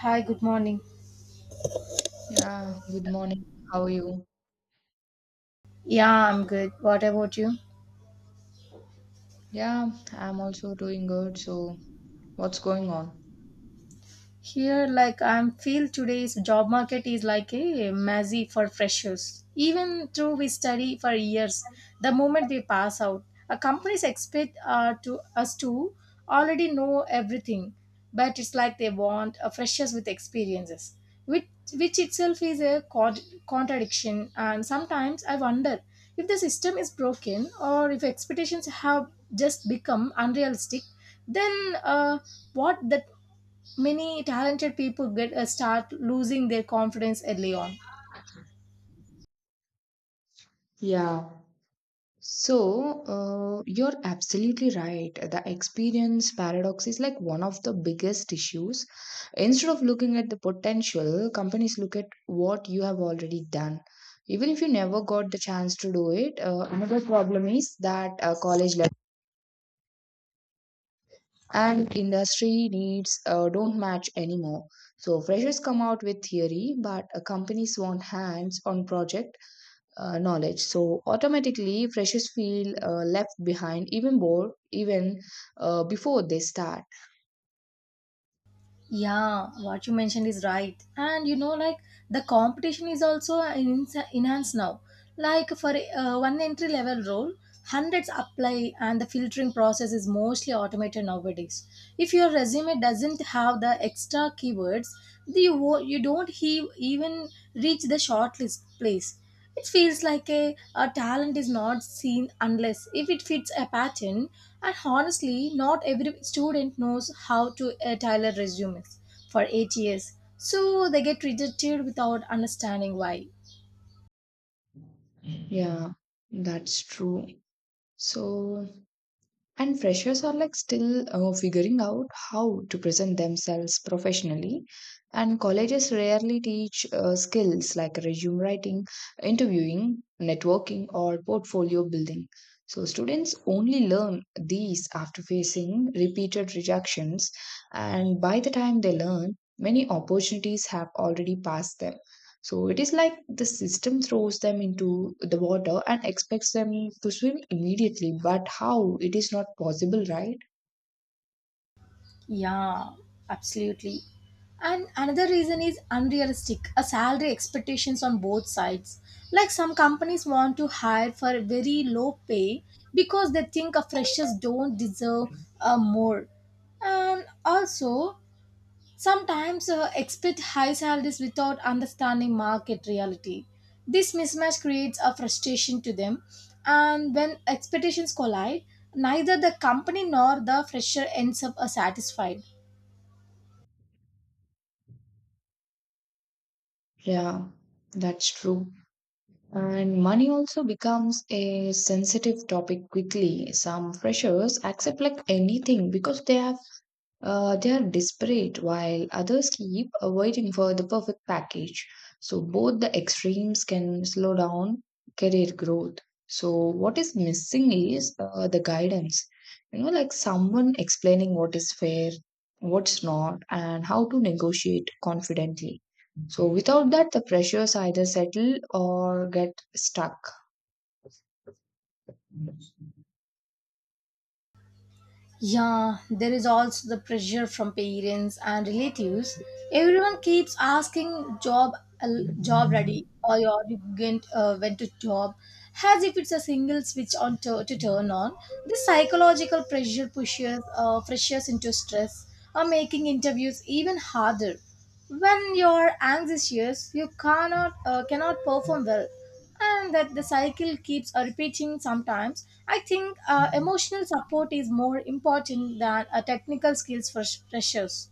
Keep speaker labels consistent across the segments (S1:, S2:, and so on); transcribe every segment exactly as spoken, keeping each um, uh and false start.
S1: Hi, good morning.
S2: Yeah, good morning. How are you?
S1: Yeah, I'm good. What about you?
S2: Yeah, I'm also doing good. So, what's going on?
S1: Here, like I feel today's job market is like a mazzy for freshers. Even though we study for years, the moment we pass out, a companies expect uh, to us to already know everything. But it's like they want a freshers with experiences, which which itself is a cod- contradiction. And sometimes I wonder if the system is broken or if expectations have just become unrealistic. Then uh, what that many talented people get a start losing their confidence early on.
S2: Yeah. So, uh, you're absolutely right. The experience paradox is like one of the biggest issues. Instead of looking at the potential, companies look at what you have already done. Even if you never got the chance to do it, uh, another problem is that uh, college level and industry needs uh, don't match anymore. So freshers come out with theory, but uh, companies want hands on project uh, knowledge. So automatically freshers feel uh, left behind, even more, even uh, before they start.
S1: Yeah, what you mentioned is right, and you know, like the competition is also en- enhanced now. Like for uh, one entry level role, hundreds apply, and the filtering process is mostly automated nowadays. If your resume doesn't have the extra keywords, you, wo- you don't he- even reach the shortlist place. It feels like a, a talent is not seen unless if it fits a pattern, and honestly, not every student knows how to uh, tailor resumes for eight years, so they get rejected without understanding why.
S2: Yeah, that's true. So, and freshers are like still uh, figuring out how to present themselves professionally. And colleges rarely teach uh, skills like resume writing, interviewing, networking, or portfolio building. So students only learn these after facing repeated rejections. And by the time they learn, many opportunities have already passed them. So it is like the system throws them into the water and expects them to swim immediately. But how? It is not possible, right?
S1: Yeah, absolutely. And another reason is unrealistic a salary expectations on both sides. Like some companies want to hire for a very low pay because they think a freshers don't deserve uh, more. And also, sometimes uh, expect high salaries without understanding market reality. This mismatch creates a frustration to them, and when expectations collide, neither the company nor the fresher ends up uh, satisfied.
S2: Yeah, that's true. And money also becomes a sensitive topic quickly. Some freshers accept like anything because they have Uh, they are desperate, while others keep uh, waiting for the perfect package. So, both the extremes can slow down career growth. So, what is missing is uh, the guidance. You know, like someone explaining what is fair, what's not, and how to negotiate confidently. So, without that, the pressures either settle or get stuck.
S1: Yeah, there is also the pressure from parents and relatives. Everyone keeps asking job al- job ready or you already went, uh, went to job as if it's a single switch on to, to turn on. This psychological pressure pushes uh, freshers into stress or making interviews even harder. When you're anxious, you cannot uh, cannot perform well and that the cycle keeps uh, repeating. Sometimes I think uh, emotional support is more important than uh, technical skills for sh- freshers.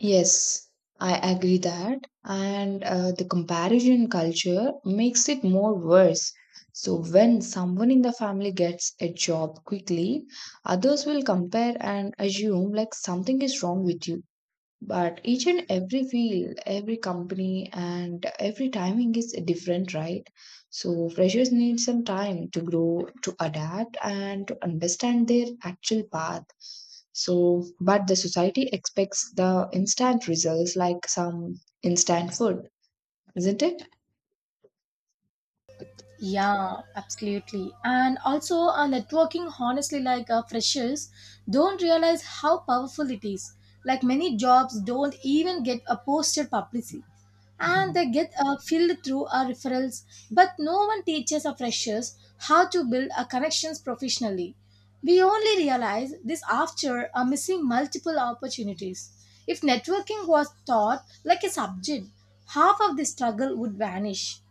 S2: Yes, I agree that. And uh, the comparison culture makes it more worse. So, when someone in the family gets a job quickly, others will compare and assume like something is wrong with you. But each and every field, every company, and every timing is different, right? So freshers need some time to grow, to adapt, and to understand their actual path. So, but the society expects the instant results, like some instant food, isn't it?
S1: Yeah, absolutely. And also, uh, networking, honestly, like uh, freshers don't realize how powerful it is. Like many jobs don't even get a posted publicly, and they get uh, filled through uh, referrals. But no one teaches our freshers how to build uh, connections professionally. We only realize this after uh, missing multiple opportunities. If networking was taught like a subject, half of the struggle would vanish.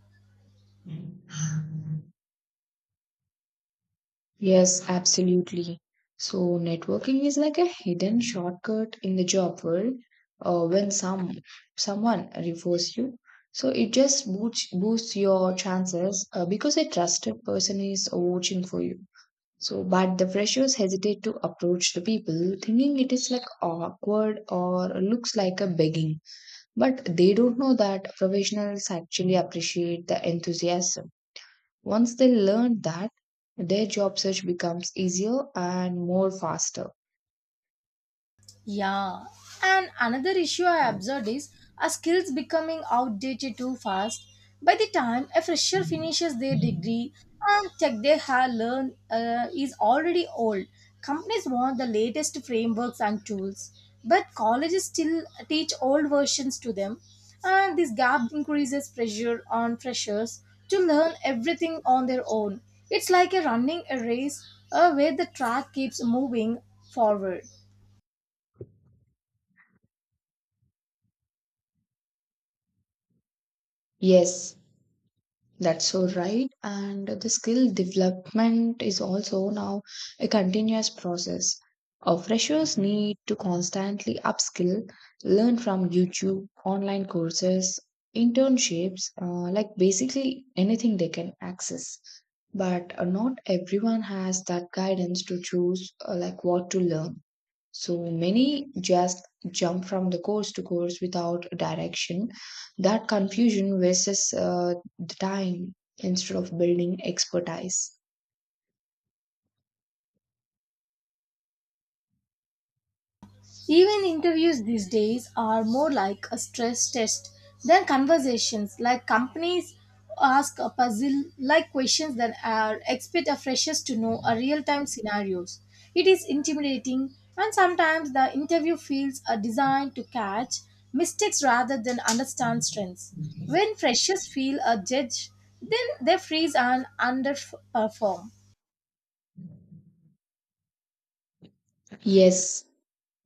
S2: Yes, absolutely. So, networking is like a hidden shortcut in the job world, uh, when some someone refers you. So, it just boosts, boosts your chances, uh, because a trusted person is watching for you. So, but the freshers hesitate to approach the people thinking it is like awkward or looks like a begging. But they don't know that professionals actually appreciate the enthusiasm. Once they learn that, their job search becomes easier and more faster.
S1: Yeah, and another issue I observed is our skills becoming outdated too fast. By the time a fresher finishes their degree and tech they have learned uh, is already old, companies want the latest frameworks and tools, but colleges still teach old versions to them, and this gap increases pressure on freshers to learn everything on their own. It's like a running a race uh, where the track keeps moving forward.
S2: Yes, that's so right. And the skill development is also now a continuous process. Our freshers need to constantly upskill, learn from YouTube, online courses, internships, uh, like basically anything they can access. But uh, not everyone has that guidance to choose uh, like what to learn. So many just jump from the course to course without direction. That confusion wastes uh, the time instead of building expertise.
S1: Even interviews these days are more like a stress test than conversations. Like companies ask a puzzle like questions that are expect a freshers to know a real time scenarios. It is intimidating and sometimes the interview fields are designed to catch mistakes rather than understand strengths. When freshers feel a judge, then they freeze and underperform.
S2: Yes,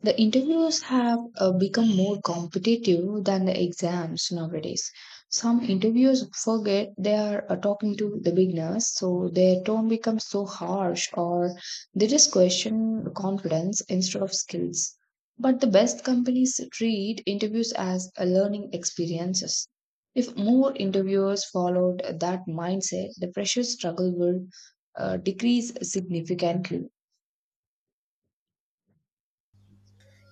S2: the interviews have uh, become more competitive than the exams nowadays. Some interviews forget they are uh, talking to the beginners, so their tone becomes so harsh, or they just question confidence instead of skills. But the best companies treat interviews as a learning experiences. If more interviewers followed that mindset, the pressure struggle will uh, decrease significantly.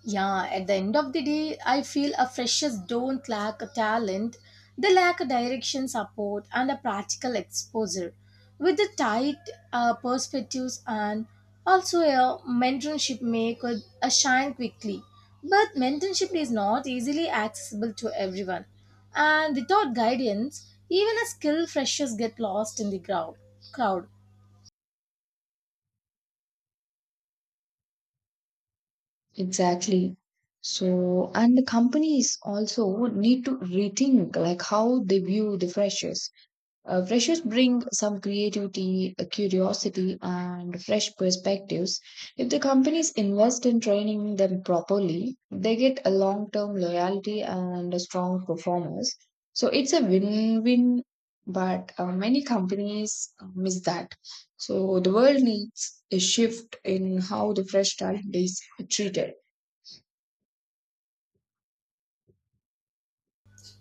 S1: Yeah, at the end of the day, I feel a freshers don't lack a talent. They lack a direction support and a practical exposure. With the tight uh, perspectives and also a mentorship may could uh, shine quickly. But mentorship is not easily accessible to everyone. And without guidance, even a skilled freshers get lost in the crowd. crowd.
S2: Exactly. So, and the companies also need to rethink like how they view the freshers. Uh, freshers bring some creativity, uh, curiosity, and fresh perspectives. If the companies invest in training them properly, they get a long-term loyalty and a strong performers. So it's a win-win, but uh, many companies uh, miss that. So the world needs a shift in how the fresh talent is treated.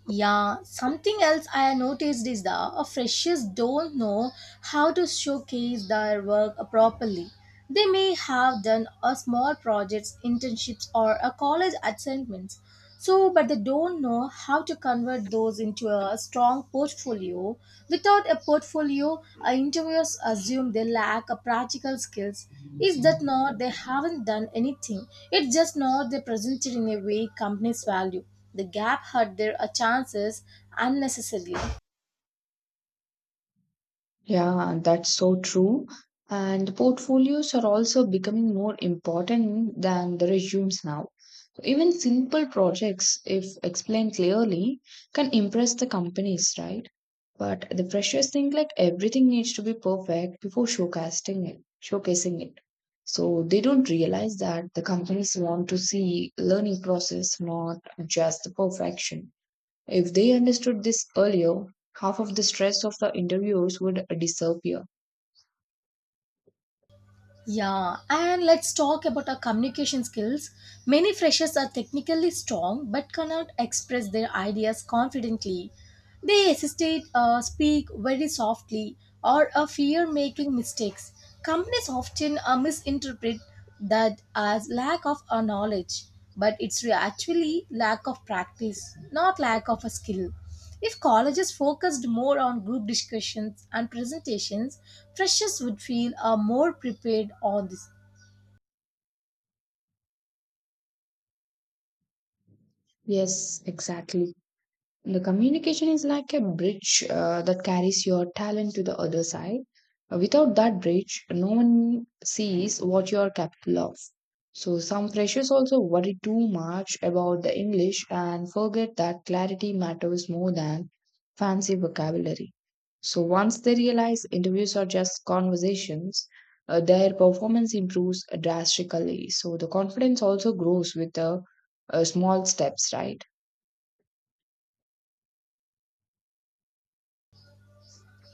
S1: Yeah, something else I noticed is that uh, freshers don't know how to showcase their work properly. They may have done a small projects, internships, or a college assignments. So, but they don't know how to convert those into a strong portfolio. Without a portfolio, uh, interviewers assume they lack a practical skills. It's that not they haven't done anything. It's just not they presented in a way companies value. The gap hurt their uh, chances unnecessarily.
S2: Yeah, that's so true. And portfolios are also becoming more important than the resumes now. Even simple projects, if explained clearly, can impress the companies, right? But the freshers think like everything needs to be perfect before showcasing it, showcasing it. So they don't realize that the companies want to see learning process, not just the perfection. If they understood this earlier, half of the stress of the interviews would disappear.
S1: Yeah, and let's talk about our communication skills. Many freshers are technically strong but cannot express their ideas confidently. They hesitate, uh, speak very softly, or uh, fear making mistakes. Companies often uh, misinterpret that as lack of uh, knowledge, but it's re- actually lack of practice, not lack of a skill. If colleges focused more on group discussions and presentations, freshers would feel uh, more prepared on this.
S2: Yes, exactly. The communication is like a bridge uh, that carries your talent to the other side. Uh, Without that bridge, no one sees what you are capable of. So, some freshers also worry too much about the English and forget that clarity matters more than fancy vocabulary. So, once they realize interviews are just conversations, uh, their performance improves drastically. So, the confidence also grows with the uh, small steps, right?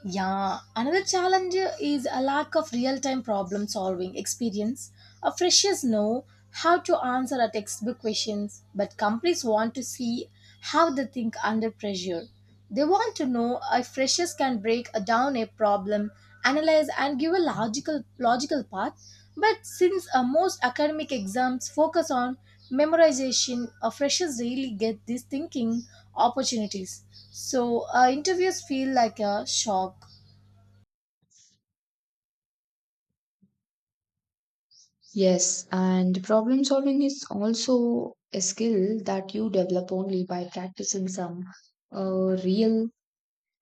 S1: Yeah, another challenge is a lack of real time problem solving experience. Uh, freshers know how to answer a textbook questions, but companies want to see how they think under pressure. They want to know if freshers can break uh, down a problem, analyze, and give a logical logical path. But since uh, most academic exams focus on memorization, uh, freshers really get these thinking opportunities. So uh, interviews feel like a shock.
S2: Yes, and problem solving is also a skill that you develop only by practicing some uh, real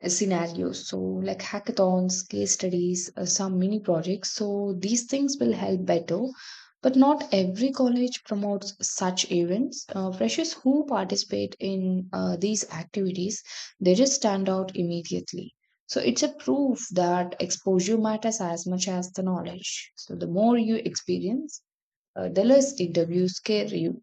S2: scenarios. So, like hackathons, case studies, uh, some mini projects. So, these things will help better. But not every college promotes such events. Uh, freshers who participate in uh, these activities, they just stand out immediately. So it's a proof that exposure matters as much as the knowledge. So the more you experience, uh, the less interviews scare you.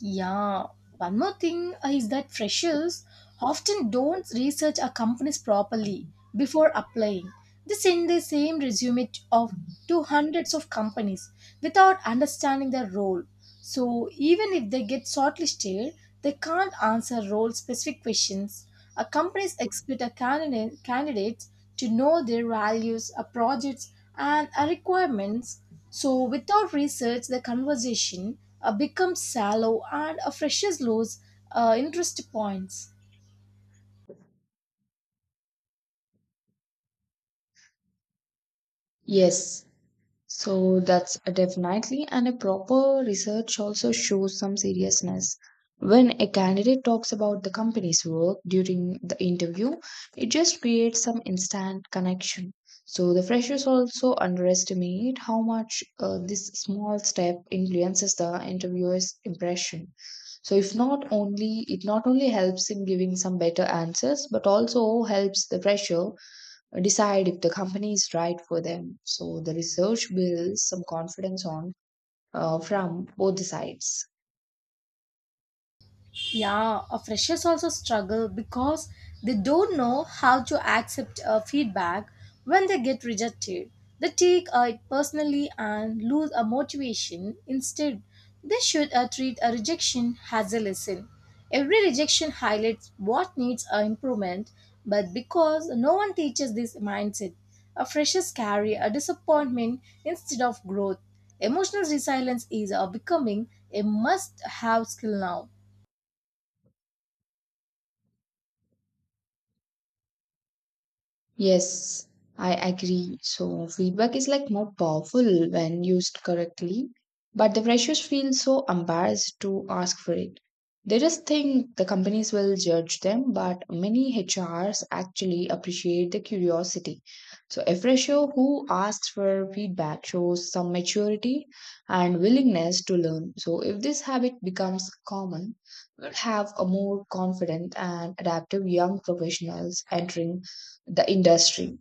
S1: Yeah. One more thing uh, is that freshers often don't research our companies properly before applying. They send the same resume t- of to hundreds of companies without understanding their role. So even if they get shortlisted, they can't answer role-specific questions. A companies expect a candidate candidates to know their values, our projects, and our requirements. So, without research, the conversation uh, becomes shallow and uh, freshes lose uh, interest points.
S2: Yes, so that's a definitely, and a proper research also shows some seriousness. When a candidate talks about the company's work during the interview, it just creates some instant connection. So the freshers also underestimate how much uh, this small step influences the interviewer's impression. So if not only it not only helps in giving some better answers, but also helps the fresher decide if the company is right for them. So the research builds some confidence on uh, from both the sides.
S1: Yeah, uh, freshers also struggle because they don't know how to accept uh, feedback when they get rejected. They take uh, it personally and lose a motivation. Instead, they should uh, treat a rejection as a lesson. Every rejection highlights what needs uh, improvement, but because no one teaches this mindset, a freshers carry a disappointment instead of growth. Emotional resilience is uh, becoming a must-have skill now.
S2: Yes, I agree. So feedback is like more powerful when used correctly, but the freshers feel so embarrassed to ask for it. They just think the companies will judge them, but many H Rs actually appreciate the curiosity. So a fresher who asks for feedback shows some maturity and willingness to learn. So if this habit becomes common, we'll have a more confident and adaptive young professionals entering the industry.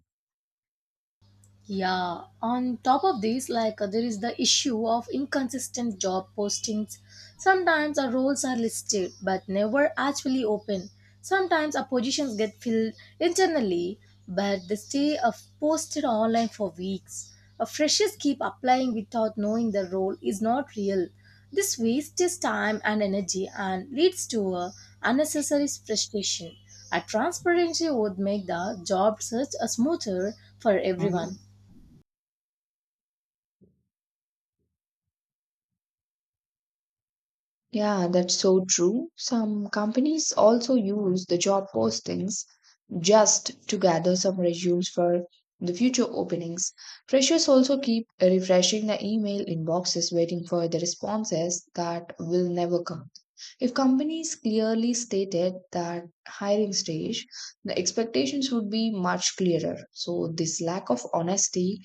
S1: Yeah, on top of this, like uh, there is the issue of inconsistent job postings. Sometimes our roles are listed but never actually open. Sometimes our positions get filled internally but they stay uh, posted online for weeks. Uh, freshers keep applying without knowing the role is not real. This wastes time and energy and leads to uh, unnecessary frustration. A transparency would make the job search uh, smoother for everyone.
S2: Mhm. Yeah, that's so true. Some companies also use the job postings just to gather some resumes for the future openings. Freshers also keep refreshing the email inboxes, waiting for the responses that will never come. If companies clearly stated that hiring stage, the expectations would be much clearer. So this lack of honesty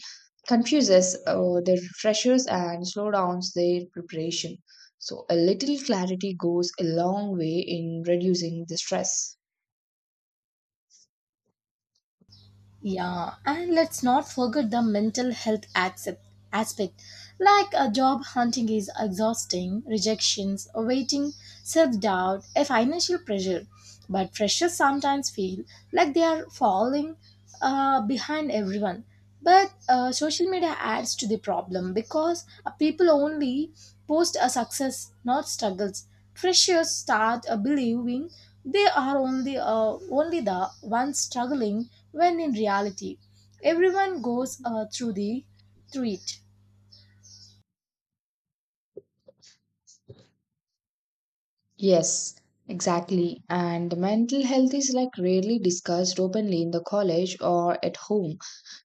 S2: confuses uh, the freshers and slow downs their preparation. So a little clarity goes a long way in reducing the stress.
S1: Yeah, and let's not forget the mental health accept- aspect. Like a job hunting is exhausting, rejections, waiting, self doubt, a financial pressure. But freshers sometimes feel like they are falling uh, behind everyone. But uh, social media adds to the problem because uh, people only post a success, not struggles. Freshers start uh, believing they are only uh, only the ones struggling, when in reality, everyone goes uh, through the through it.
S2: Yes, exactly. And mental health is like rarely discussed openly in the college or at home.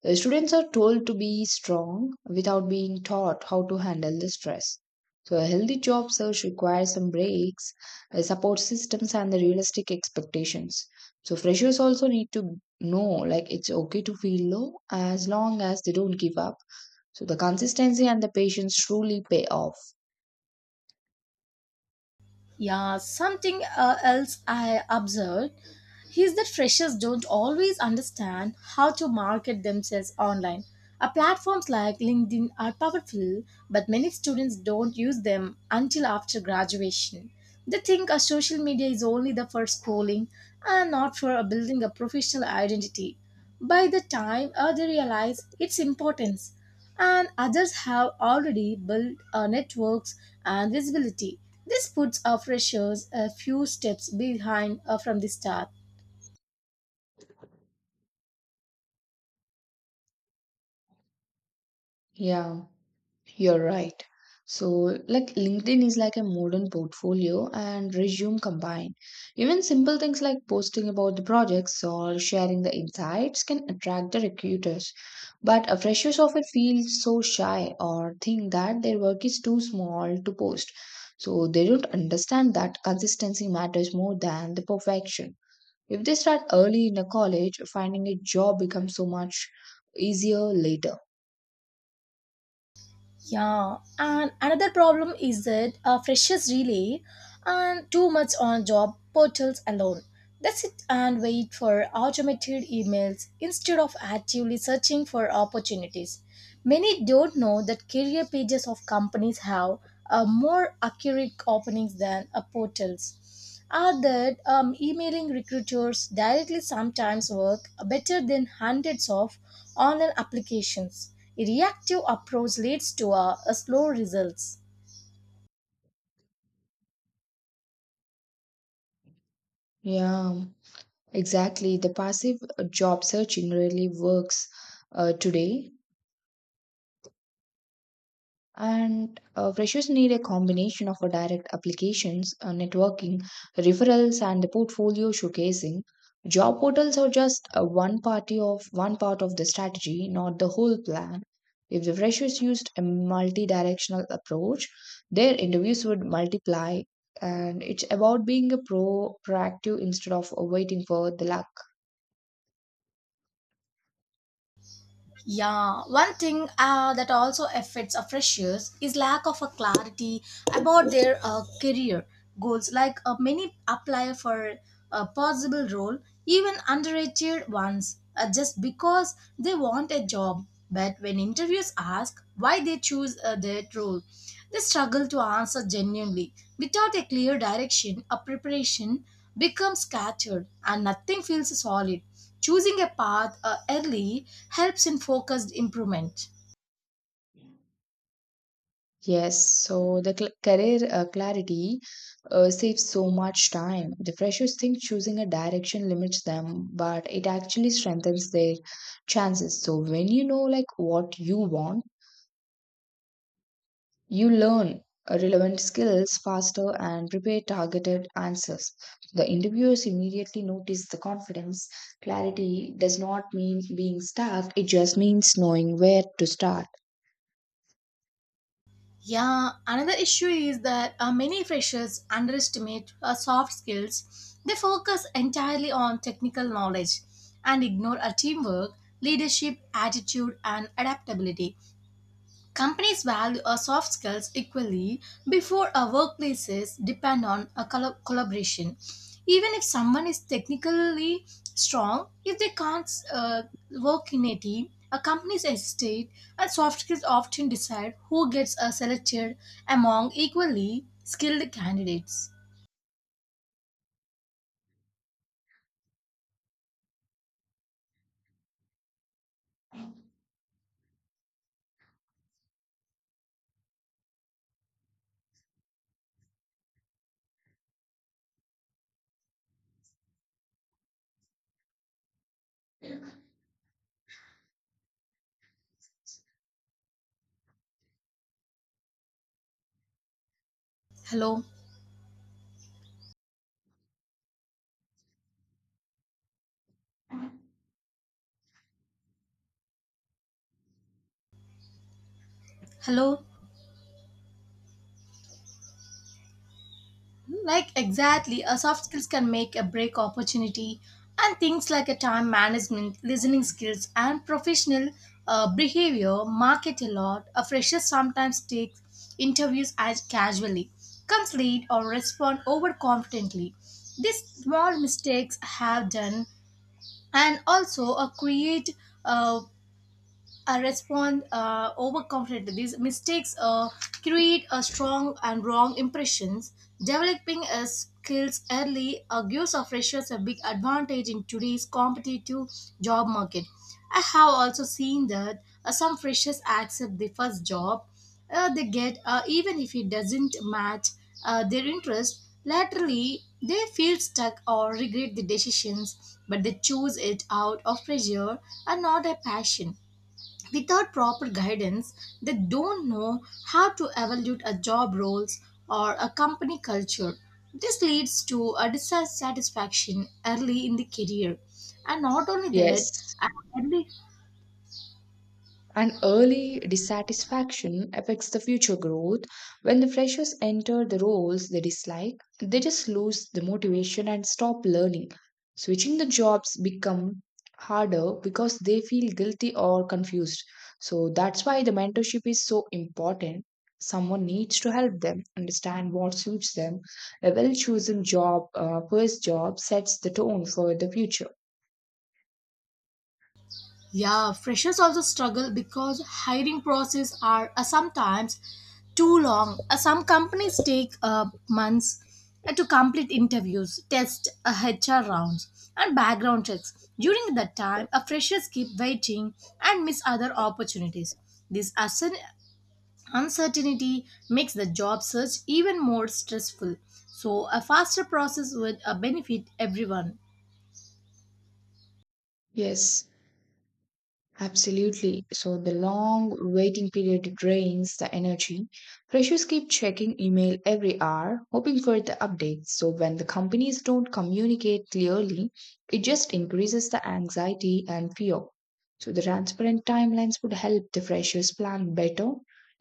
S2: The students are told to be strong without being taught how to handle the stress. So, a healthy job search requires some breaks, uh, support systems, and the realistic expectations. So, freshers also need to know like it's okay to feel low as long as they don't give up. So, the consistency and the patience truly pay off.
S1: Yeah, something uh, else I observed He's that freshers don't always understand how to market themselves online. Uh, platforms like LinkedIn are powerful, but many students don't use them until after graduation. They think a social media is only the for schooling and not for uh, building a professional identity. By the time uh, they realize its importance, and others have already built uh, networks and visibility. This puts our freshers a few steps behind uh, from the start.
S2: Yeah. You're right. So, like LinkedIn is like a modern portfolio and resume combined. Even simple things like posting about the projects or sharing the insights can attract the recruiters. But a freshers often feel so shy or think that their work is too small to post. So, they don't understand that consistency matters more than the perfection. If they start early in a college, finding a job becomes so much easier later.
S1: Yeah, and another problem is that uh, freshers really and too much on job portals alone. They sit and wait for automated emails instead of actively searching for opportunities. Many don't know that career pages of companies have uh, more accurate openings than uh, portals are that um, emailing recruiters directly sometimes work better than hundreds of online applications. A reactive approach leads to a, a slow results.
S2: Yeah. Exactly. The passive uh, job searching really works uh, today. And uh, freshers need a combination of uh, direct applications, uh, networking, referrals, and the portfolio showcasing. Job portals are just uh, one party of one part of the strategy, not the whole plan. If the freshers used a multi-directional approach, their interviews would multiply. And it's about being a pro proactive instead of uh, waiting for the luck.
S1: Yeah, one thing uh, that also affects a freshers is lack of a clarity about their uh, career goals. Like uh, many apply for a possible role, even underrated ones, uh, just because they want a job. But when interviews ask why they choose uh, that role, they struggle to answer genuinely. Without a clear direction, a preparation becomes scattered and nothing feels solid. Choosing a path uh, early helps in focused improvement.
S2: Yes, so the cl- career uh, clarity uh, saves so much time. The freshers think choosing a direction limits them, but it actually strengthens their chances. So when you know like what you want, you learn uh, relevant skills faster and prepare targeted answers. The interviewers immediately notice the confidence. Clarity does not mean being stuck, it just means knowing where to start.
S1: Yeah, another issue is that uh, many freshers underestimate uh, soft skills. They focus entirely on technical knowledge and ignore uh, teamwork, leadership, attitude, and adaptability. Companies value our soft skills equally before our workplaces depend on a collo- collaboration. Even if someone is technically strong, if they can't uh, work in a team, a company's estate and soft skills often decide who gets uh, selected among equally skilled candidates. Hello, hello. Like exactly, a soft skills can make a break opportunity, and things like a time management, listening skills, and professional uh, behavior market a lot. A fresher sometimes takes interviews as casually, comes late, or respond overconfidently. These small mistakes have done, and also a create uh, uh, respond uh, overconfidently. These mistakes uh, create a strong and wrong impressions. Developing uh, skills early uh, gives our freshers a big advantage in today's competitive job market. I have also seen that uh, some freshers accept the first job uh, they get, uh, even if it doesn't match uh, their interest. Laterally, they feel stuck or regret the decisions, but they choose it out of pressure and not a passion without proper guidance, they don't know how to evaluate a job roles or a company culture. This leads to a dissatisfaction early in the career. And not only that,
S2: Yes.
S1: an early.
S2: And early dissatisfaction affects the future growth. When the freshers enter the roles they dislike, they just lose the motivation and stop learning. Switching the jobs become harder because they feel guilty or confused. So that's why the mentorship is so important. Someone needs to help them understand what suits them. A well chosen job, uh, first job sets the tone for the future.
S1: Yeah, freshers also struggle because hiring process are uh, sometimes too long. Uh, some companies take uh, months uh, to complete interviews, test uh, H R rounds, and background checks. During that time, uh, freshers keep waiting and miss other opportunities. This uncer- uncertainty makes the job search even more stressful. So, a faster process would uh, benefit everyone.
S2: Yes. Absolutely. So the long waiting period drains the energy. Freshers keep checking email every hour, hoping for the updates. So when the companies don't communicate clearly, it just increases the anxiety and fear. So the transparent timelines would help the freshers plan better.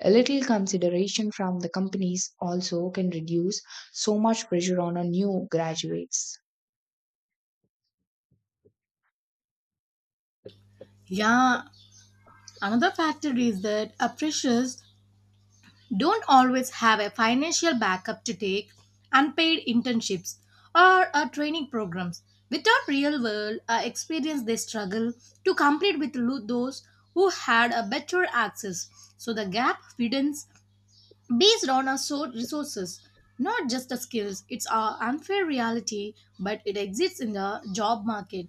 S2: A little consideration from the companies also can reduce so much pressure on our new graduates.
S1: Yeah, another factor is that uh, freshers don't always have a financial backup to take unpaid internships or uh, training programs. Without real world uh, experience, they struggle to compete with lo- those who had a better access. So the gap widens based on our so- resources, not just the skills. It's our unfair reality, but it exists in the job market.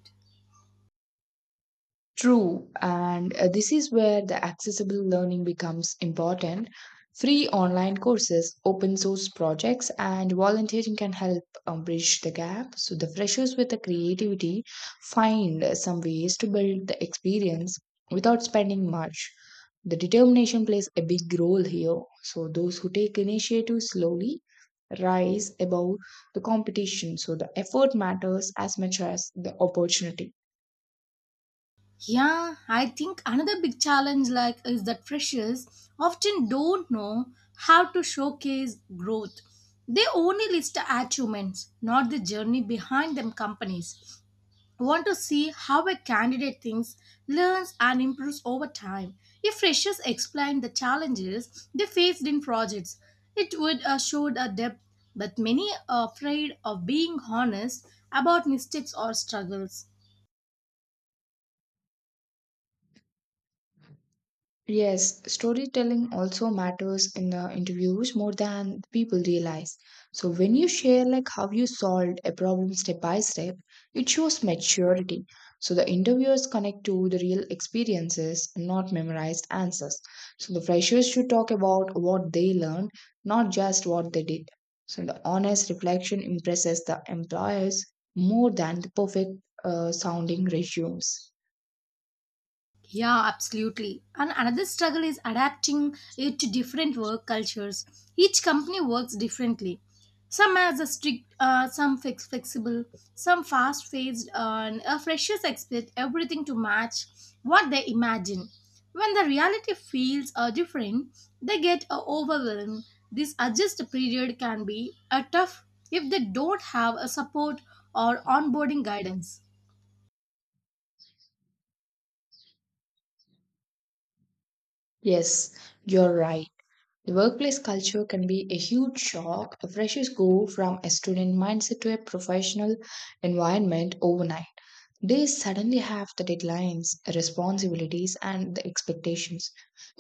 S2: True, and uh, this is where the accessible learning becomes important. Free online courses, open source projects, and volunteering can help um, bridge the gap, so the freshers with the creativity find uh, some ways to build the experience without spending much. The determination plays a big role here, so those who take initiative slowly rise above the competition. So the effort matters as much as the opportunity.
S1: Yeah, I think another big challenge like is that freshers often don't know how to showcase growth. They only list the achievements, not the journey behind them companies. Want to see how a candidate thinks, learns and improves over time. If freshers explain the challenges they faced in projects, it would uh, show a depth, but many are afraid of being honest about mistakes or struggles.
S2: Yes, storytelling also matters in the interviews more than people realize. So when you share like how you solved a problem step by step, it shows maturity. So the interviewers connect to the real experiences, not memorized answers. So the freshers should talk about what they learned, not just what they did. So the honest reflection impresses the employers more than the perfect uh, sounding resumes.
S1: Yeah, absolutely. And another struggle is adapting it to different work cultures. Each company works differently. Some has a strict, uh, some fix- flexible, some fast-paced, uh, and uh, freshers expect everything to match what they imagine. When the reality feels uh, different, they get uh, overwhelmed. This adjust period can be uh, tough if they don't have a support or onboarding guidance.
S2: Yes, you're right. The workplace culture can be a huge shock. The freshers go from a student mindset to a professional environment overnight. They suddenly have the deadlines, responsibilities, and the expectations.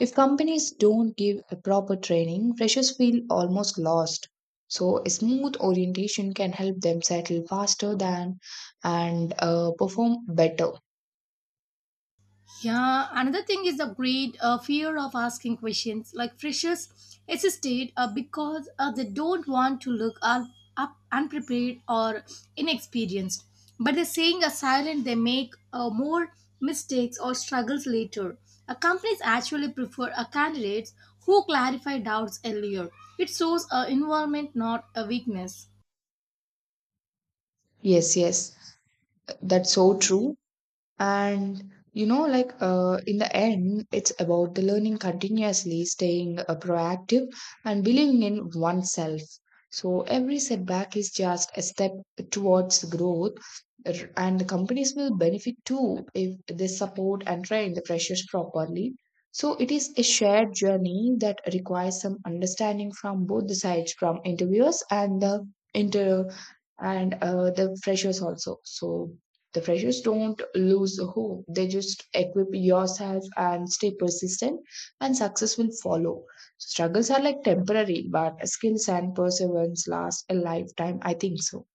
S2: If companies don't give a proper training, freshers feel almost lost. So, a smooth orientation can help them settle faster than and uh, perform better.
S1: Yeah, another thing is the great uh, fear of asking questions. Like freshers hesitate uh, because uh, they don't want to look un- up unprepared or inexperienced. But they're saying a silent, they make uh, more mistakes or struggles later. Uh, companies actually prefer uh, candidates who clarify doubts earlier. It shows uh, involvement, not a weakness.
S2: Yes, yes, that's so true. And you know, like uh, in the end, it's about the learning continuously, staying uh, proactive, and believing in oneself. So every setback is just a step towards growth, r- and the companies will benefit too if they support and train the freshers properly. So it is a shared journey that requires some understanding from both the sides, from interviewers and the inter and uh, the freshers also. So the freshers don't lose hope. They just equip yourself and stay persistent, and success will follow. Struggles are like temporary, but skills and perseverance last a lifetime, I think so.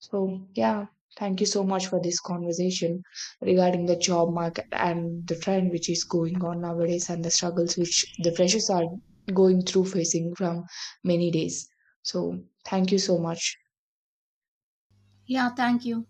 S2: So, yeah, thank you so much for this conversation regarding the job market and the trend which is going on nowadays and the struggles which the freshers are going through facing from many days. So, thank you so much.
S1: Yeah, thank you.